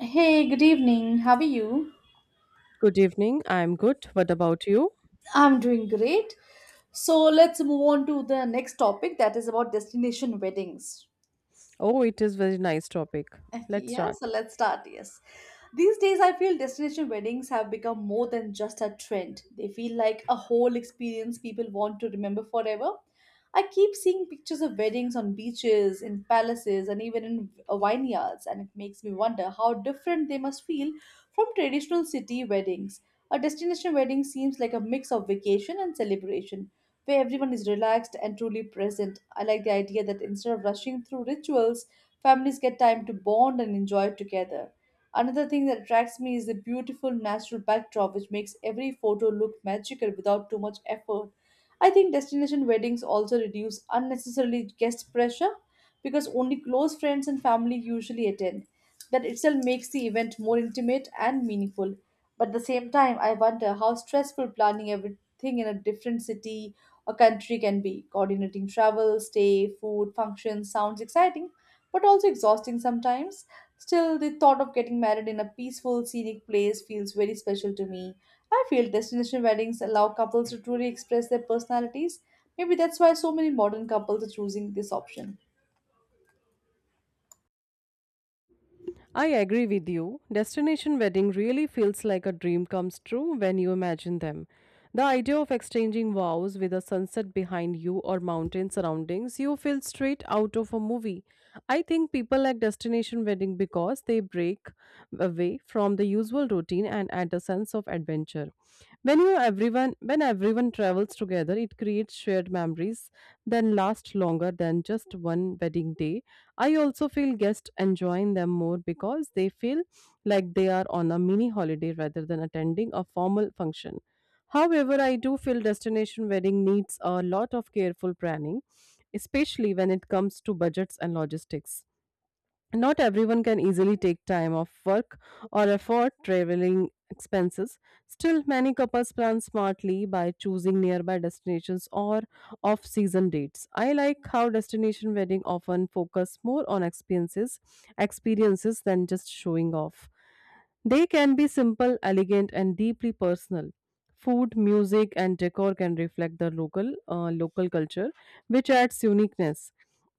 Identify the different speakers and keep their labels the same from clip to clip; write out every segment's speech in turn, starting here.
Speaker 1: Hey, good evening. How are you?
Speaker 2: Good evening. I'm good. What about you?
Speaker 1: I'm doing great. So let's move on to the next topic that is about destination weddings.
Speaker 2: Oh, it is very nice topic. Let's
Speaker 1: Yeah,
Speaker 2: start.
Speaker 1: so let's start. Yes. These days, I feel destination weddings have become more than just a trend. They feel like a whole experience people want to remember forever. I keep seeing pictures of weddings on beaches, in palaces, and even in vineyards, and it makes me wonder how different they must feel from traditional city weddings. A destination wedding seems like a mix of vacation and celebration, where everyone is relaxed and truly present. I like the idea that instead of rushing through rituals, families get time to bond and enjoy together. Another thing that attracts me is the beautiful natural backdrop, which makes every photo look magical without too much effort. I think destination weddings also reduce unnecessarily guest pressure because only close friends and family usually attend. That itself makes the event more intimate and meaningful. But at the same time, I wonder how stressful planning everything in a different city or country can be. Coordinating travel, stay, food, functions sounds exciting, but also exhausting sometimes. Still, the thought of getting married in a peaceful, scenic place feels very special to me. I feel destination weddings allow couples to truly express their personalities. Maybe that's why so many modern couples are choosing this option.
Speaker 2: I agree with you. Destination wedding really feels like a dream comes true when you imagine them. The idea of exchanging vows with a sunset behind you or mountain surroundings, you feel straight out of a movie. I think people like destination wedding because they break away from the usual routine and add a sense of adventure. When everyone travels together, it creates shared memories that last longer than just one wedding day. I also feel guests enjoying them more because they feel like they are on a mini holiday rather than attending a formal function. However, I do feel destination wedding needs a lot of careful planning, especially when it comes to budgets and logistics. Not everyone can easily take time off work or afford traveling expenses. Still, many couples plan smartly by choosing nearby destinations or off season dates. I like how destination wedding often focus more on experiences than just showing off. They can be simple, elegant, and deeply personal. Food, music, and decor can reflect the local culture, which adds uniqueness.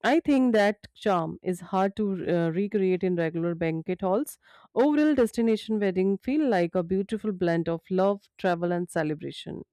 Speaker 2: I think that charm is hard to recreate in regular banquet halls. Overall, destination wedding feel like a beautiful blend of love, travel, and celebration.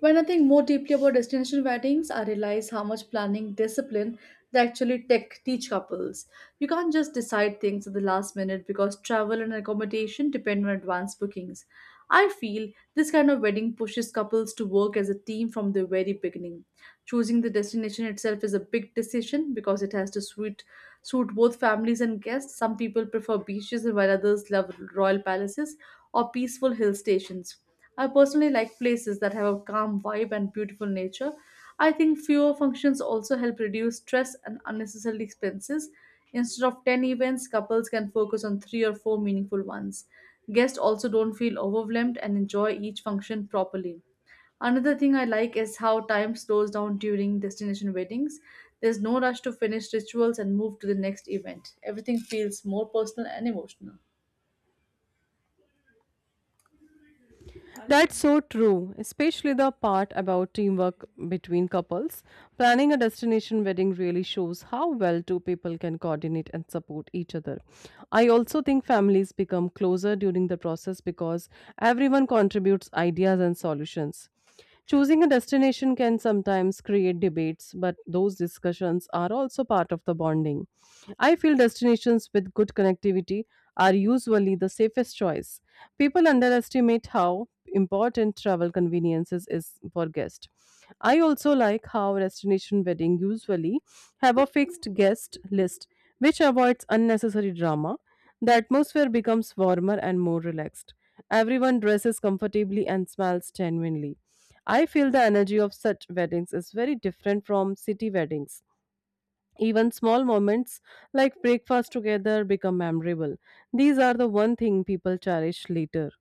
Speaker 1: When I think more deeply about destination weddings, I realize how much planning discipline they actually tech teach couples. You can't just decide things at the last minute because travel and accommodation depend on advance bookings. I feel this kind of wedding pushes couples to work as a team from the very beginning. Choosing the destination itself is a big decision because it has to suit both families and guests. Some people prefer beaches while others love royal palaces or peaceful hill stations. I personally like places that have a calm vibe and beautiful nature. I think fewer functions also help reduce stress and unnecessary expenses. Instead of 10 events, couples can focus on three or four meaningful ones. Guests also don't feel overwhelmed and enjoy each function properly. Another thing I like is how time slows down during destination weddings. There's no rush to finish rituals and move to the next event. Everything feels more personal and emotional.
Speaker 2: That's so true, especially the part about teamwork between couples. Planning a destination wedding really shows how well two people can coordinate and support each other. I also think families become closer during the process because everyone contributes ideas and solutions. Choosing a destination can sometimes create debates, but those discussions are also part of the bonding. I feel destinations with good connectivity are usually the safest choice. People underestimate how important travel conveniences is for guests. I also like how destination wedding usually have a fixed guest list which avoids unnecessary drama. The atmosphere becomes warmer and more relaxed. Everyone dresses comfortably and smiles genuinely. I feel the energy of such weddings is very different from city weddings. Even small moments like breakfast together become memorable. These are the one thing people cherish later.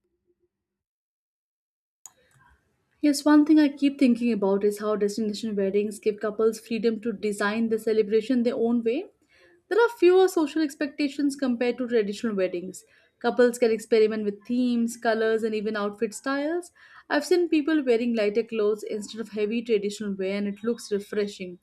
Speaker 1: Yes, one thing I keep thinking about is how destination weddings give couples freedom to design the celebration their own way. There are fewer social expectations compared to traditional weddings. Couples can experiment with themes, colors, and even outfit styles. I've seen people wearing lighter clothes instead of heavy traditional wear, and it looks refreshing.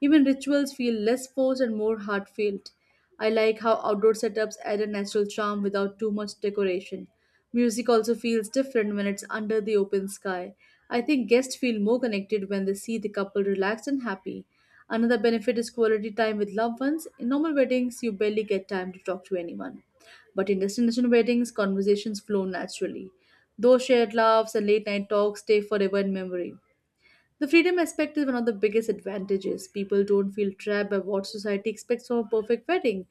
Speaker 1: Even rituals feel less forced and more heartfelt. I like how outdoor setups add a natural charm without too much decoration. Music also feels different when it's under the open sky. I think guests feel more connected when they see the couple relaxed and happy. Another benefit is quality time with loved ones. In normal weddings, you barely get time to talk to anyone. But in destination weddings, conversations flow naturally. Those shared laughs and late night talks stay forever in memory. The freedom aspect is one of the biggest advantages. People don't feel trapped by what society expects from a perfect wedding.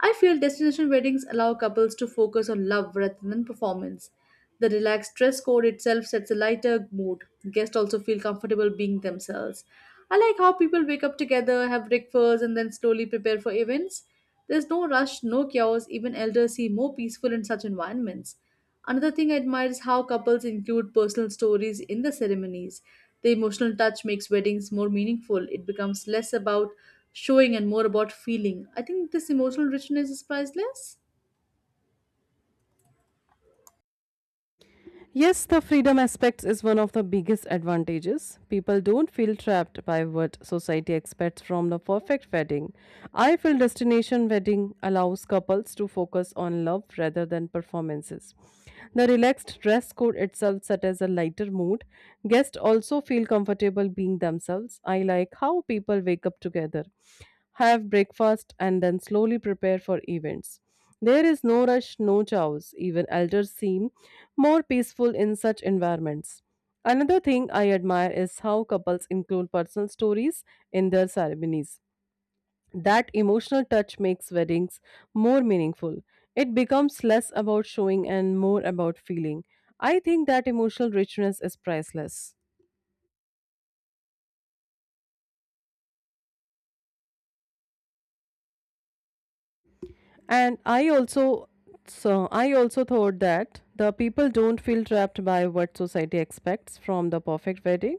Speaker 1: I feel destination weddings allow couples to focus on love rather than performance. The relaxed dress code itself sets a lighter mood. Guests also feel comfortable being themselves. I like how people wake up together, have breakfast, and then slowly prepare for events. There's no rush, no chaos, even elders seem more peaceful in such environments. Another thing I admire is how couples include personal stories in the ceremonies. The emotional touch makes weddings more meaningful. It becomes less about showing and more about feeling. I think this emotional richness is priceless.
Speaker 2: Yes, the freedom aspects is one of the biggest advantages. People don't feel trapped by what society expects from the perfect wedding. I feel destination wedding allows couples to focus on love rather than performances. The relaxed dress code itself sets a lighter mood. Guests also feel comfortable being themselves. I like how people wake up together, have breakfast, and then slowly prepare for events. There is no rush, no chows. Even elders seem more peaceful in such environments. Another thing I admire is how couples include personal stories in their ceremonies. That emotional touch makes weddings more meaningful. It becomes less about showing and more about feeling. I think that emotional richness is priceless. And I also so I also thought that the people don't feel trapped by what society expects from the perfect wedding.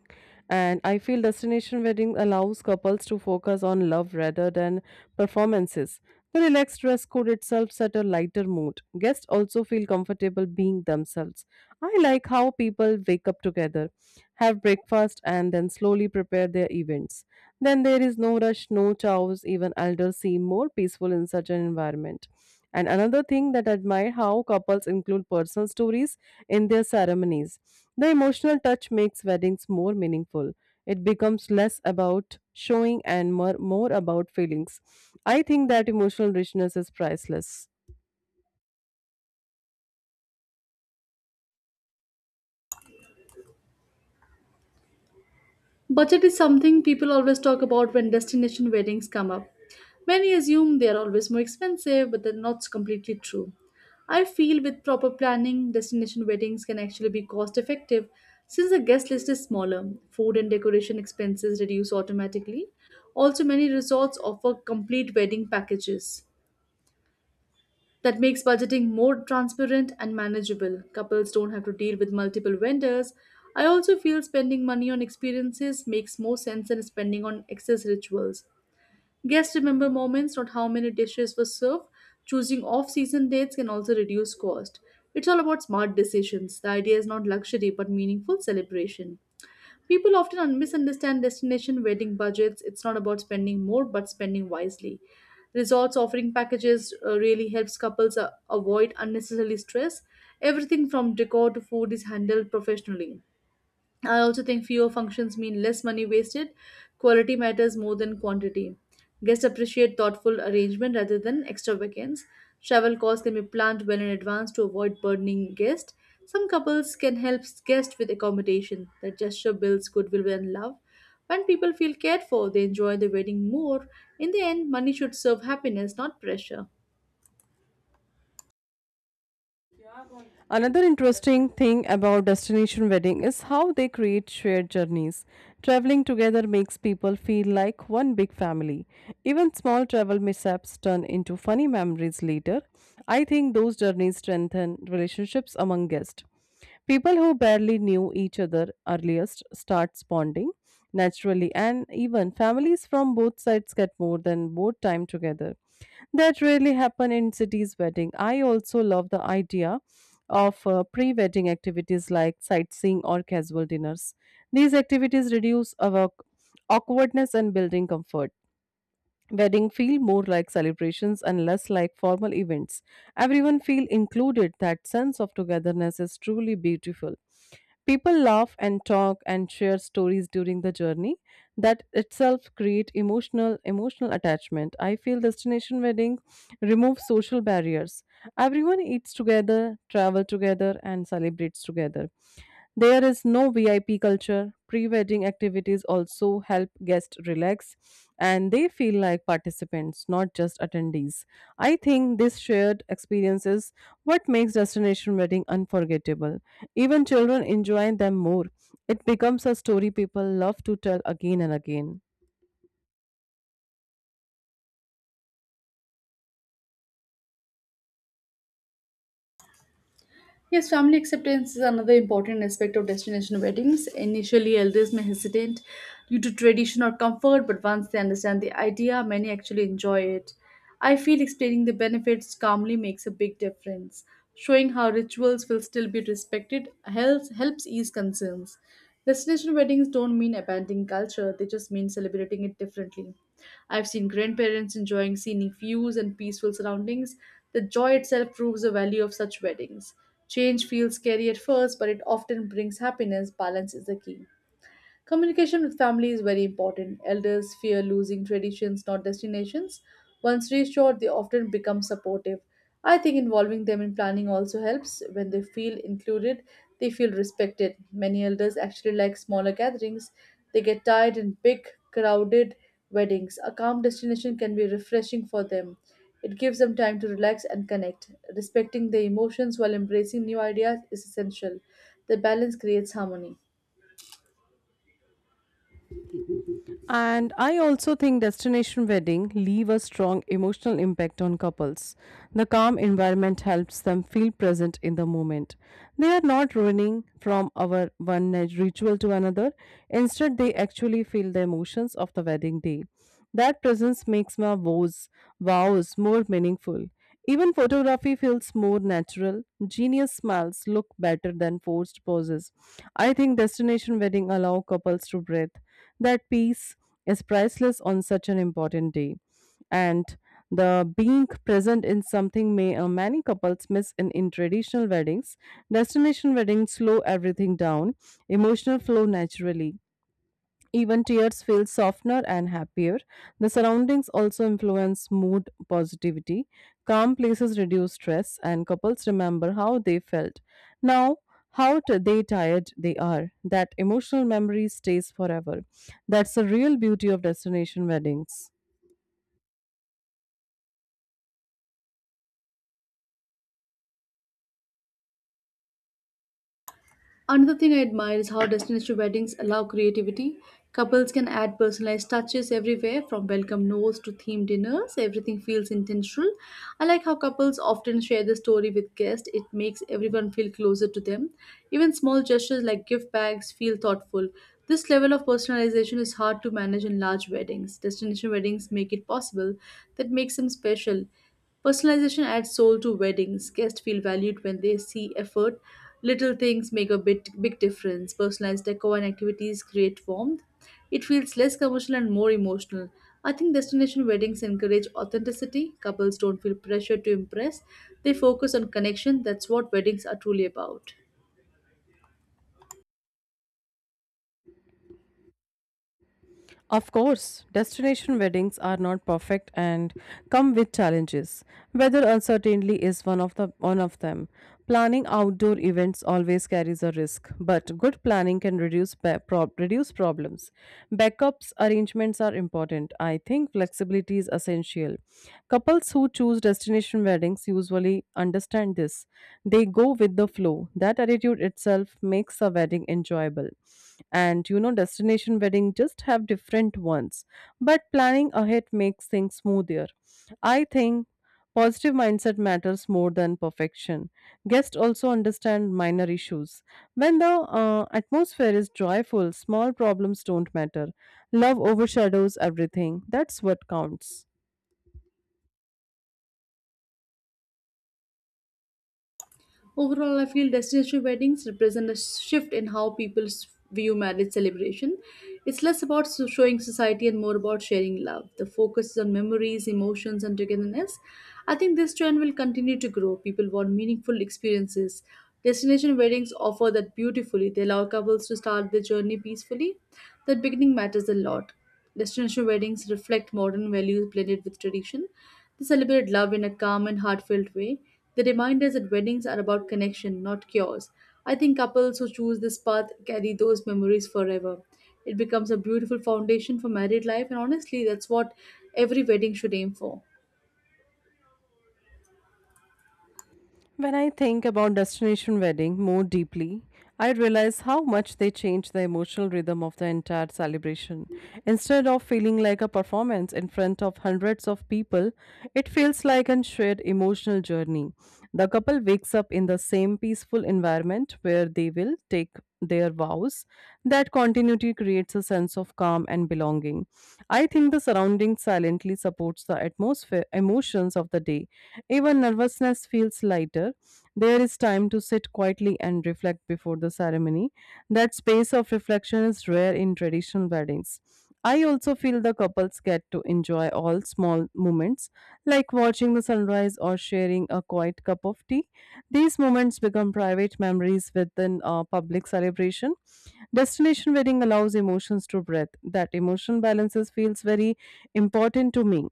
Speaker 2: And I feel destination wedding allows couples to focus on love rather than performances. The relaxed dress code food itself set a lighter mood. Guests also feel comfortable being themselves. I like how people wake up together, have breakfast, and then slowly prepare their events. Then there is no rush, no chows, even elders seem more peaceful in such an environment. And another thing that I admire how couples include personal stories in their ceremonies. The emotional touch makes weddings more meaningful. It becomes less about showing and more about feelings. I think that emotional richness is priceless.
Speaker 1: Budget is something people always talk about when destination weddings come up. Many assume they are always more expensive, but that's not completely true. I feel with proper planning, destination weddings can actually be cost effective since the guest list is smaller. Food and decoration expenses reduce automatically. Also, many resorts offer complete wedding packages. That makes budgeting more transparent and manageable. Couples don't have to deal with multiple vendors. I also feel spending money on experiences makes more sense than spending on excess rituals. Guests remember moments, not how many dishes were served. Choosing off season dates can also reduce cost. It's all about smart decisions. The idea is not luxury but meaningful celebration. People often misunderstand destination wedding budgets. It's not about spending more, but spending wisely. Resorts offering packages really helps couples avoid unnecessary stress. Everything from decor to food is handled professionally. I also think fewer functions mean less money wasted. Quality matters more than quantity. Guests appreciate thoughtful arrangement rather than extravagance. Travel costs can be planned well in advance to avoid burdening guests. Some couples can help guests with accommodation. That gesture builds goodwill and love. When people feel cared for, they enjoy the wedding more. In the end, money should serve happiness, not pressure.
Speaker 2: Another interesting thing about destination wedding is how they create shared journeys. Traveling together makes people feel like one big family. Even small travel mishaps turn into funny memories later. I think those journeys strengthen relationships among guests. People who barely knew each other earliest start bonding naturally, and even families from both sides get more than both time together that really happen in cities wedding. I also love the idea of pre wedding activities like sightseeing or casual dinners. These activities reduce our awkwardness and building comfort. Wedding feel more like celebrations and less like formal events. Everyone feel included. That sense of togetherness is truly beautiful. People laugh and talk and share stories during the journey. That itself create emotional attachment. I feel destination wedding remove social barriers. Everyone eats together, travel together, and celebrates together. There is no VIP culture. Pre wedding activities also help guests relax and they feel like participants, not just attendees. I think this shared experience is what makes destination wedding unforgettable. Even children enjoy them more. It becomes a story people love to tell again and again.
Speaker 1: Yes, family acceptance is another important aspect of destination weddings. Initially, elders may hesitate due to tradition or comfort, but once they understand the idea, many actually enjoy it. I feel explaining the benefits calmly makes a big difference. Showing how rituals will still be respected helps ease concerns. Destination weddings don't mean abandoning culture, they just mean celebrating it differently. I've seen grandparents enjoying scenic views and peaceful surroundings. The joy itself proves the value of such weddings. Change feels scary at first, but it often brings happiness. Balance is the key. Communication with family is very important. Elders fear losing traditions, not destinations. Once reassured, they often become supportive. I think involving them in planning also helps. When they feel included, they feel respected. Many elders actually like smaller gatherings. They get tired in big, crowded weddings. A calm destination can be refreshing for them. It gives them time to relax and connect. Respecting their emotions while embracing new ideas is essential. The balance creates harmony.
Speaker 2: And I also think destination wedding leave a strong emotional impact on couples. The calm environment helps them feel present in the moment. They are not running from our one night ritual to another. Instead, they actually feel the emotions of the wedding day. That presence makes my vows more meaningful. Even photography feels more natural. Genius smiles look better than forced poses. I think destination wedding allow couples to breathe that peace is priceless on such an important day. And the being present in something may many couples miss in traditional weddings. Destination weddings slow everything down, emotional flow naturally. Even tears feel softener and happier. The surroundings also influence mood positivity. Calm places reduce stress, and couples remember how they felt. Now, how t- they tired they are. That emotional memory stays forever. That's the real beauty of destination weddings.
Speaker 1: Another thing I admire is how destination weddings allow creativity. Couples can add personalized touches everywhere, from welcome notes to themed dinners. Everything feels intentional. I like how couples often share the story with guests. It makes everyone feel closer to them. Even small gestures like gift bags feel thoughtful. This level of personalization is hard to manage in large weddings. Destination weddings make it possible. That makes them special. Personalization adds soul to weddings. Guests feel valued when they see effort. Little things make a bit big difference. Personalized decor and activities create warmth. It feels less commercial and more emotional. I think destination weddings encourage authenticity. Couples don't feel pressure to impress. They focus on connection. That's what weddings are truly about.
Speaker 2: Of course, destination weddings are not perfect and come with challenges. Weather uncertainty is one of them. Planning outdoor events always carries a risk, but good planning can reduce problems. Backups arrangements are important. I think flexibility is essential. Couples who choose destination weddings usually understand this. They go with the flow. That attitude itself makes a wedding enjoyable. And you know, destination wedding just have different ones, but planning ahead makes things smoother. I think positive mindset matters more than perfection. Guests also understand minor issues. When the atmosphere is joyful, small problems don't matter. Love overshadows everything. That's what counts.
Speaker 1: Overall, I feel destination weddings represent a shift in how people view marriage celebration. It's less about showing society and more about sharing love. The focus is on memories, emotions, and togetherness. I think this trend will continue to grow. People want meaningful experiences. Destination weddings offer that beautifully. They allow couples to start their journey peacefully. That beginning matters a lot. Destination weddings reflect modern values blended with tradition. They celebrate love in a calm and heartfelt way. They remind us that weddings are about connection, not cures. I think couples who choose this path carry those memories forever. It becomes a beautiful foundation for married life, and honestly, that's what every wedding should aim for.
Speaker 2: When I think about destination wedding more deeply, I realize how much they change the emotional rhythm of the entire celebration. Instead of feeling like a performance in front of hundreds of people, it feels like a shared emotional journey. The couple wakes up in the same peaceful environment where they will take their vows. That continuity creates a sense of calm and belonging. I think the surrounding silently supports the atmosphere, emotions of the day. Even nervousness feels lighter. There is time to sit quietly and reflect before the ceremony. That space of reflection is rare in traditional weddings. I also feel the couples get to enjoy all small moments, like watching the sunrise or sharing a quiet cup of tea. These moments become private memories within a public celebration. Destination wedding allows emotions to breathe. That emotion balances feels very important to me.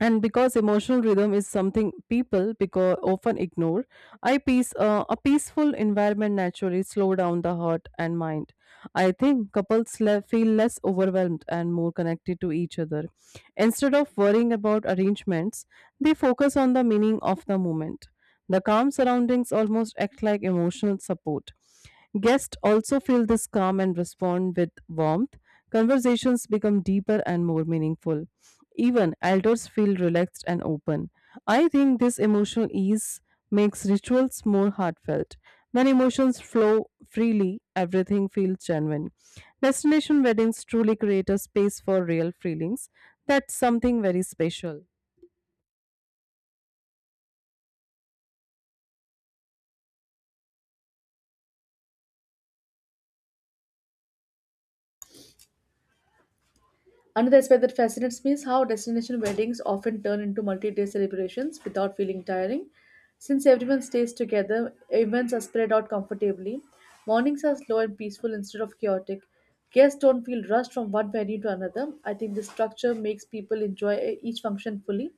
Speaker 2: And because emotional rhythm is something people because often ignore, I peace a peaceful environment naturally slow down the heart and mind. I think couples feel less overwhelmed and more connected to each other. Instead of worrying about arrangements, they focus on the meaning of the moment. The calm surroundings almost act like emotional support. Guests also feel this calm and respond with warmth. Conversations become deeper and more meaningful. Even elders feel relaxed and open. I think this emotional ease makes rituals more heartfelt. When emotions flow freely, everything feels genuine. Destination weddings truly create a space for real feelings. That's something very special.
Speaker 1: Another aspect that fascinates me is how destination weddings often turn into multi day celebrations without feeling tiring. Since everyone stays together, events are spread out comfortably. Mornings are slow and peaceful instead of chaotic. Guests don't feel rushed from one venue to another. I think this structure makes people enjoy each function fully.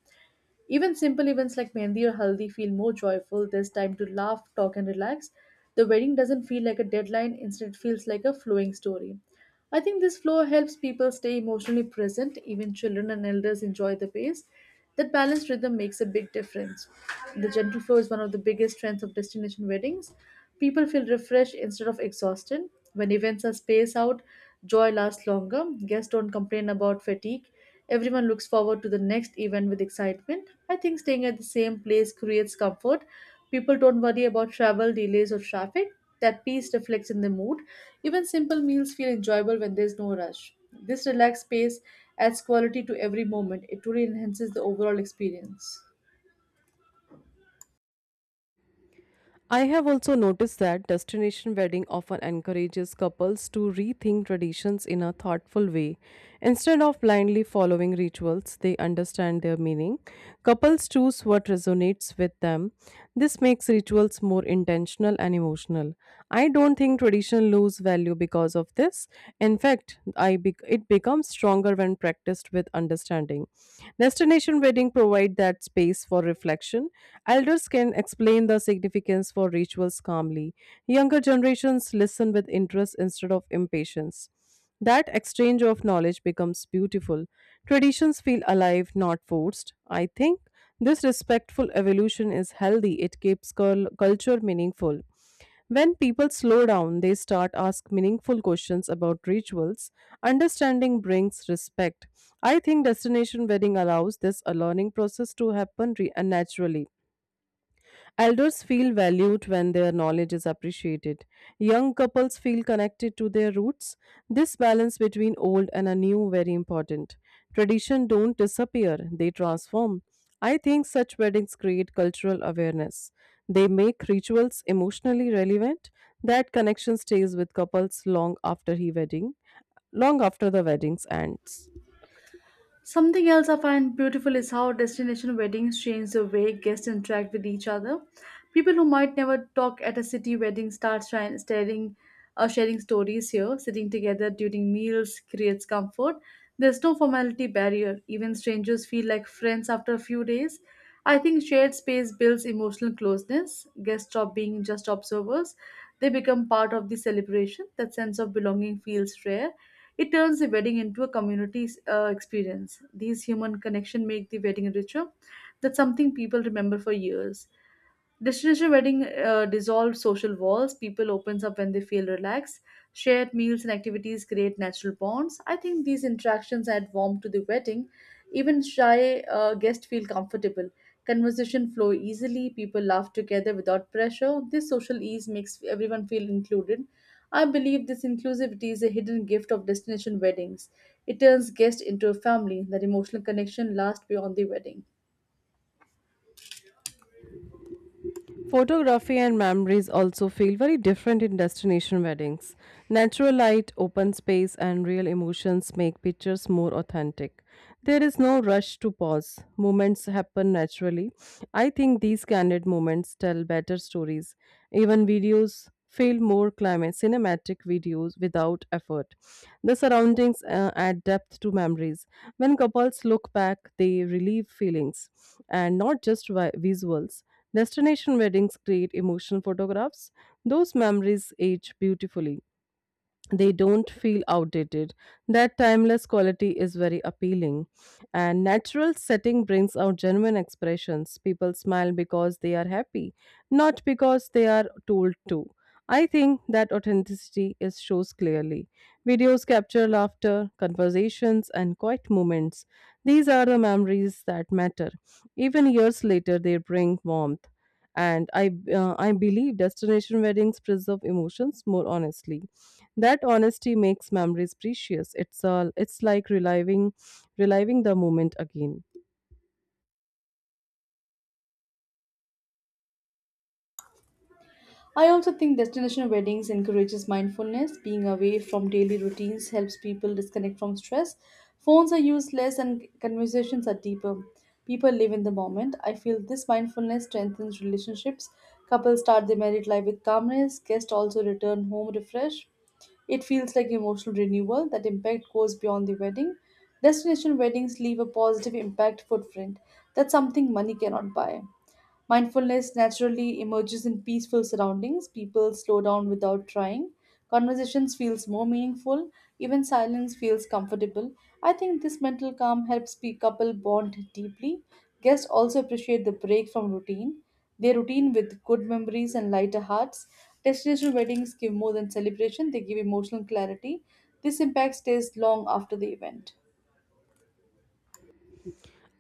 Speaker 1: Even simple events like Mehndi or Haldi feel more joyful. There's time to laugh, talk, and relax. The wedding doesn't feel like a deadline, instead, it feels like a flowing story. I think this flow helps people stay emotionally present. Even children and elders enjoy the pace. That balanced rhythm makes a big difference. The gentle flow is one of the biggest strengths of destination weddings. People feel refreshed instead of exhausted. When events are spaced out, joy lasts longer. Guests don't complain about fatigue. Everyone looks forward to the next event with excitement. I think staying at the same place creates comfort. People don't worry about travel delays or traffic. That peace reflects in the mood. Even simple meals feel enjoyable when there's no rush. This relaxed space adds quality to every moment. It truly enhances the overall experience.
Speaker 2: I have also noticed that destination wedding often encourages couples to rethink traditions in a thoughtful way. Instead of blindly following rituals, they understand their meaning. Couples choose what resonates with them. This makes rituals more intentional and emotional. I don't think tradition lose value because of this. In fact, I bec it becomes stronger when practiced with understanding. Destination wedding provide that space for reflection. Elders can explain the significance for rituals calmly. Younger generations listen with interest instead of impatience. That exchange of knowledge becomes beautiful. Traditions feel alive, not forced. I think this respectful evolution is healthy, it keeps culture meaningful. When people slow down, they start ask meaningful questions about rituals. Understanding brings respect. I think destination wedding allows this learning process to happen naturally. Elders feel valued when their knowledge is appreciated. Young couples feel connected to their roots. This balance between old and a new very important. Tradition don't disappear, they transform. I think such weddings create cultural awareness. They make rituals emotionally relevant. That connection stays with couples long after the wedding ends.
Speaker 1: Something else I find beautiful is how destination weddings change the way guests interact with each other. People who might never talk at a city wedding start sharing stories here. Sitting together during meals creates comfort. There's no formality barrier. Even strangers feel like friends after a few days. I think shared space builds emotional closeness. Guests stop being just observers. They become part of the celebration. That sense of belonging feels rare. It turns the wedding into a community experience. These human connection make the wedding ritual that something people remember for years. Destination wedding dissolve social walls. People opens up when they feel relaxed. Shared meals and activities create natural bonds. I think these interactions add warmth to the wedding. Even shy guests feel comfortable. Conversation flow easily. People laugh together without pressure. This social ease makes everyone feel included. I believe this inclusivity is a hidden gift of destination weddings. It turns guests into a family. That emotional connection lasts beyond the wedding.
Speaker 2: Photography and memories also feel very different in destination weddings. Natural light, open space, and real emotions make pictures more authentic. There is no rush to pause. Moments happen naturally. I think these candid moments tell better stories. Even videos feel more cinematic videos without effort. The surroundings add depth to memories. When couples look back, they relieve feelings and not just visuals. Destination weddings create emotional photographs. Those memories age beautifully, they don't feel outdated. That timeless quality is very appealing. And natural setting brings out genuine expressions. People smile because they are happy, not because they are told to. I think that authenticity is shows clearly. Videos capture laughter, conversations, and quiet moments. These are the memories that matter. Even years later, they bring warmth. And I believe destination weddings preserve emotions more honestly, that honesty makes memories precious. It's all it's like reliving the moment again.
Speaker 1: I also think destination weddings encourages mindfulness. Being away from daily routines helps people disconnect from stress. Phones are used less and conversations are deeper. People live in the moment. I feel this mindfulness strengthens relationships. Couples start their married life with calmness. Guests also return home refreshed. It feels like emotional renewal that impact goes beyond the wedding. Destination weddings leave a positive impact footprint. That's something money cannot buy. Mindfulness naturally emerges in peaceful surroundings. People slow down without trying. Conversations feels more meaningful. Even silence feels comfortable. I think this mental calm helps couple bond deeply. Guests also appreciate the break from routine. They routine with good memories and lighter hearts. Destination weddings give more than celebration, they give emotional clarity. This impact stays long after the event.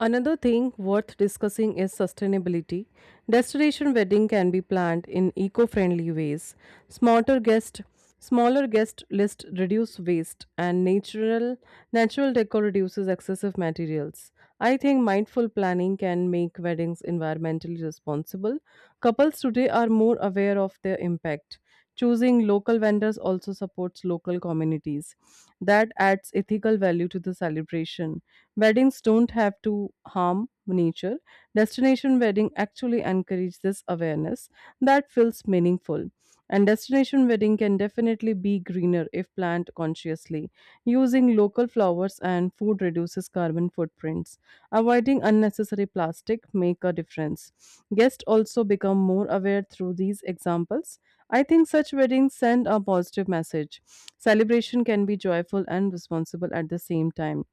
Speaker 2: Another thing worth discussing is sustainability. Destination wedding can be planned in eco-friendly ways. Smarter guest, smaller guest list reduce waste and natural decor reduces excessive materials. I think mindful planning can make weddings environmentally responsible. Couples today are more aware of their impact. Choosing local vendors also supports local communities. That adds ethical value to the celebration. Weddings don't have to harm nature. Destination wedding actually encourage this awareness, that feels meaningful. And destination wedding can definitely be greener if planned consciously. Using local flowers and food reduces carbon footprints. Avoiding unnecessary plastic make a difference. Guests also become more aware through these examples. I think such weddings send a positive message. Celebration can be joyful and responsible at the same time,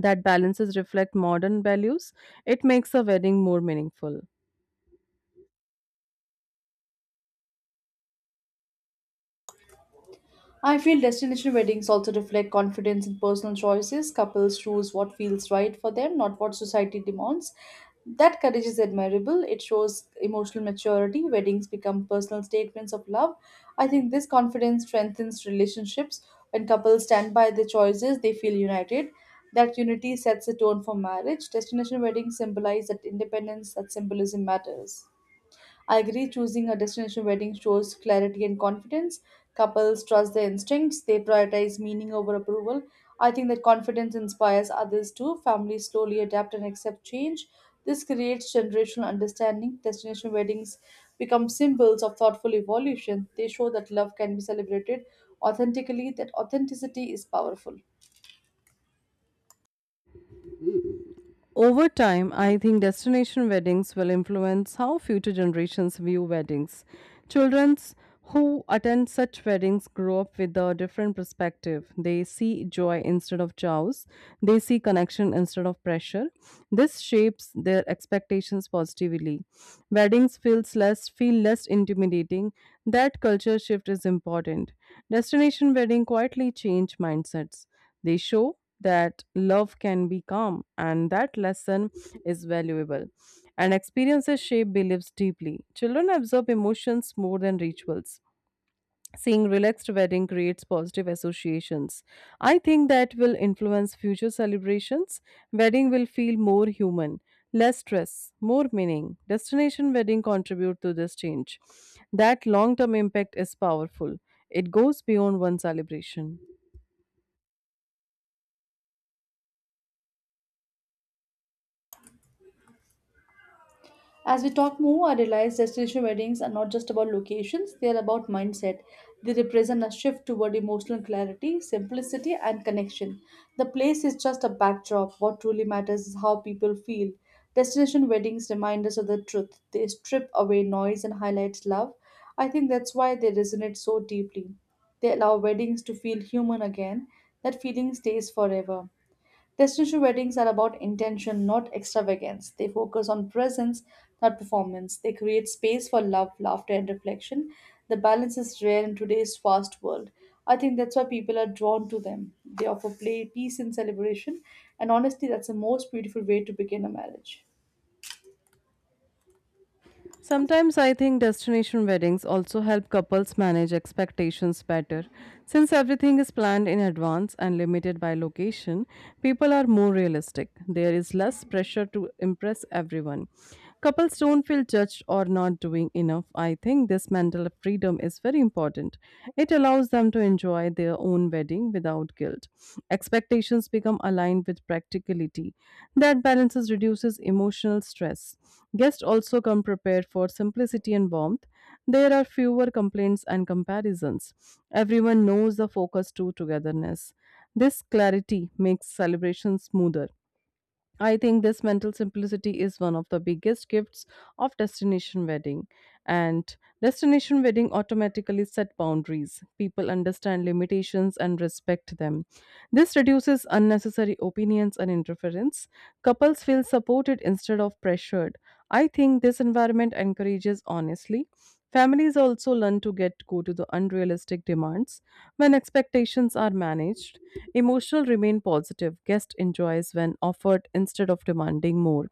Speaker 2: that balances reflect modern values, it makes a wedding more meaningful.
Speaker 1: I feel destination weddings also reflect confidence in personal choices. Couples choose what feels right for them, not what society demands. That courage is admirable. It shows emotional maturity. Weddings become personal statements of love. I think this confidence strengthens relationships. When couples stand by their choices, they feel united. That unity sets the tone for marriage. Destination weddings symbolize that independence, that symbolism matters. I agree choosing a destination wedding shows clarity and confidence. Couples trust their instincts, they prioritize meaning over approval. I think that confidence inspires others too. Families slowly adapt and accept change. This creates generational understanding. Destination weddings become symbols of thoughtful evolution. They show that love can be celebrated authentically, that authenticity is powerful.
Speaker 2: Over time, I think destination weddings will influence how future generations view weddings. Children who attend such weddings grow up with a different perspective. They see joy instead of chaos, they see connection instead of pressure. This shapes their expectations positively. Weddings feel less intimidating. That culture shift is important. Destination wedding quietly change mindsets. They show that love can be calm, and that lesson is valuable. And experiences shape beliefs deeply. Children absorb emotions more than rituals. Seeing relaxed wedding creates positive associations. I think that will influence future celebrations. Wedding will feel more human, less stress, more meaning. Destination wedding contribute to this change. That long-term impact is powerful. It goes beyond one celebration.
Speaker 1: As we talk more, I realize destination weddings are not just about locations, they are about mindset. They represent a shift toward emotional clarity, simplicity, and connection. The place is just a backdrop. What truly matters is how people feel. Destination weddings remind us of the truth. They strip away noise and highlight love. I think that's why they resonate so deeply. They allow weddings to feel human again. That feeling stays forever. Destination weddings are about intention, not extravagance. They focus on presence, not performance. They create space for love, laughter, and reflection. The balance is rare in today's fast world. I think that's why people are drawn to them. They offer play, peace, and celebration, and honestly, that's the most beautiful way to begin a marriage.
Speaker 2: Sometimes I think destination weddings also help couples manage expectations better. Since everything is planned in advance and limited by location, people are more realistic. There is less pressure to impress everyone. Couples don't feel judged or not doing enough. I think this mental freedom is very important. It allows them to want to enjoy their own wedding without guilt. Expectations become aligned with practicality. That balances reduces emotional stress. Guests also come prepared for simplicity and warmth. There are fewer complaints and comparisons. Everyone knows the focus to togetherness. This clarity makes celebration smoother. I think this mental simplicity is one of the biggest gifts of destination wedding. And destination wedding automatically set boundaries. People understand limitations and respect them. This reduces unnecessary opinions and interference. Couples feel supported instead of pressured. I think this environment encourages honesty. Families also learn to get go to the unrealistic demands when expectations are managed. Emotional remain positive. Guest enjoys when offered instead of demanding more.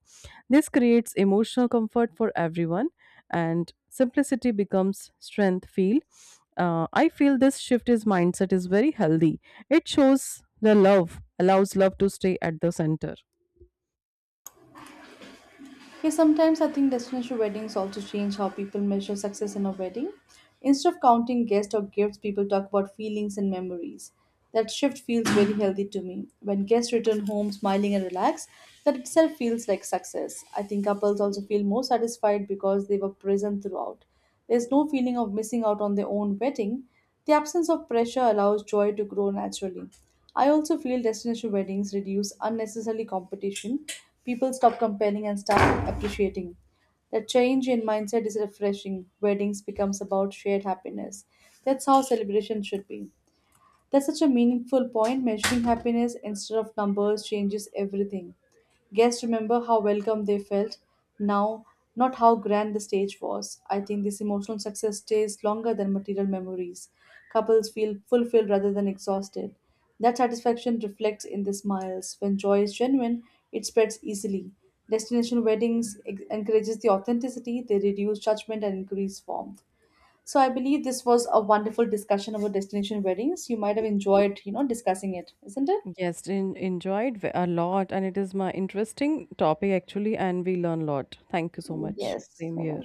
Speaker 2: This creates emotional comfort for everyone, and simplicity becomes strength. Feel. I feel this shift is mindset is very healthy, it shows the love, allows love to stay at the center.
Speaker 1: Yeah, sometimes I think destination weddings also change how people measure success in a wedding. Instead of counting guests or gifts, people talk about feelings and memories. That shift feels very healthy to me. When guests return home smiling and relaxed, that itself feels like success. I think couples also feel more satisfied because they were present throughout. There's no feeling of missing out on their own wedding. The absence of pressure allows joy to grow naturally. I also feel destination weddings reduce unnecessary competition. People stop comparing and start appreciating. The change in mindset is refreshing. Weddings becomes about shared happiness. That's how celebration should be. That's such a meaningful point. Measuring happiness instead of numbers changes everything. Guests remember how welcome they felt now, not how grand the stage was. I think this emotional success stays longer than material memories. Couples feel fulfilled rather than exhausted. That satisfaction reflects in the smiles. When joy is genuine, it spreads easily. Destination weddings encourages the authenticity, they reduce judgment and increase warmth. So I believe this was a wonderful discussion about destination weddings. You might have enjoyed discussing it, isn't it?
Speaker 2: Yes, in, enjoyed a lot, and it is my interesting topic actually, and we learn a lot. Thank you so much. Same here.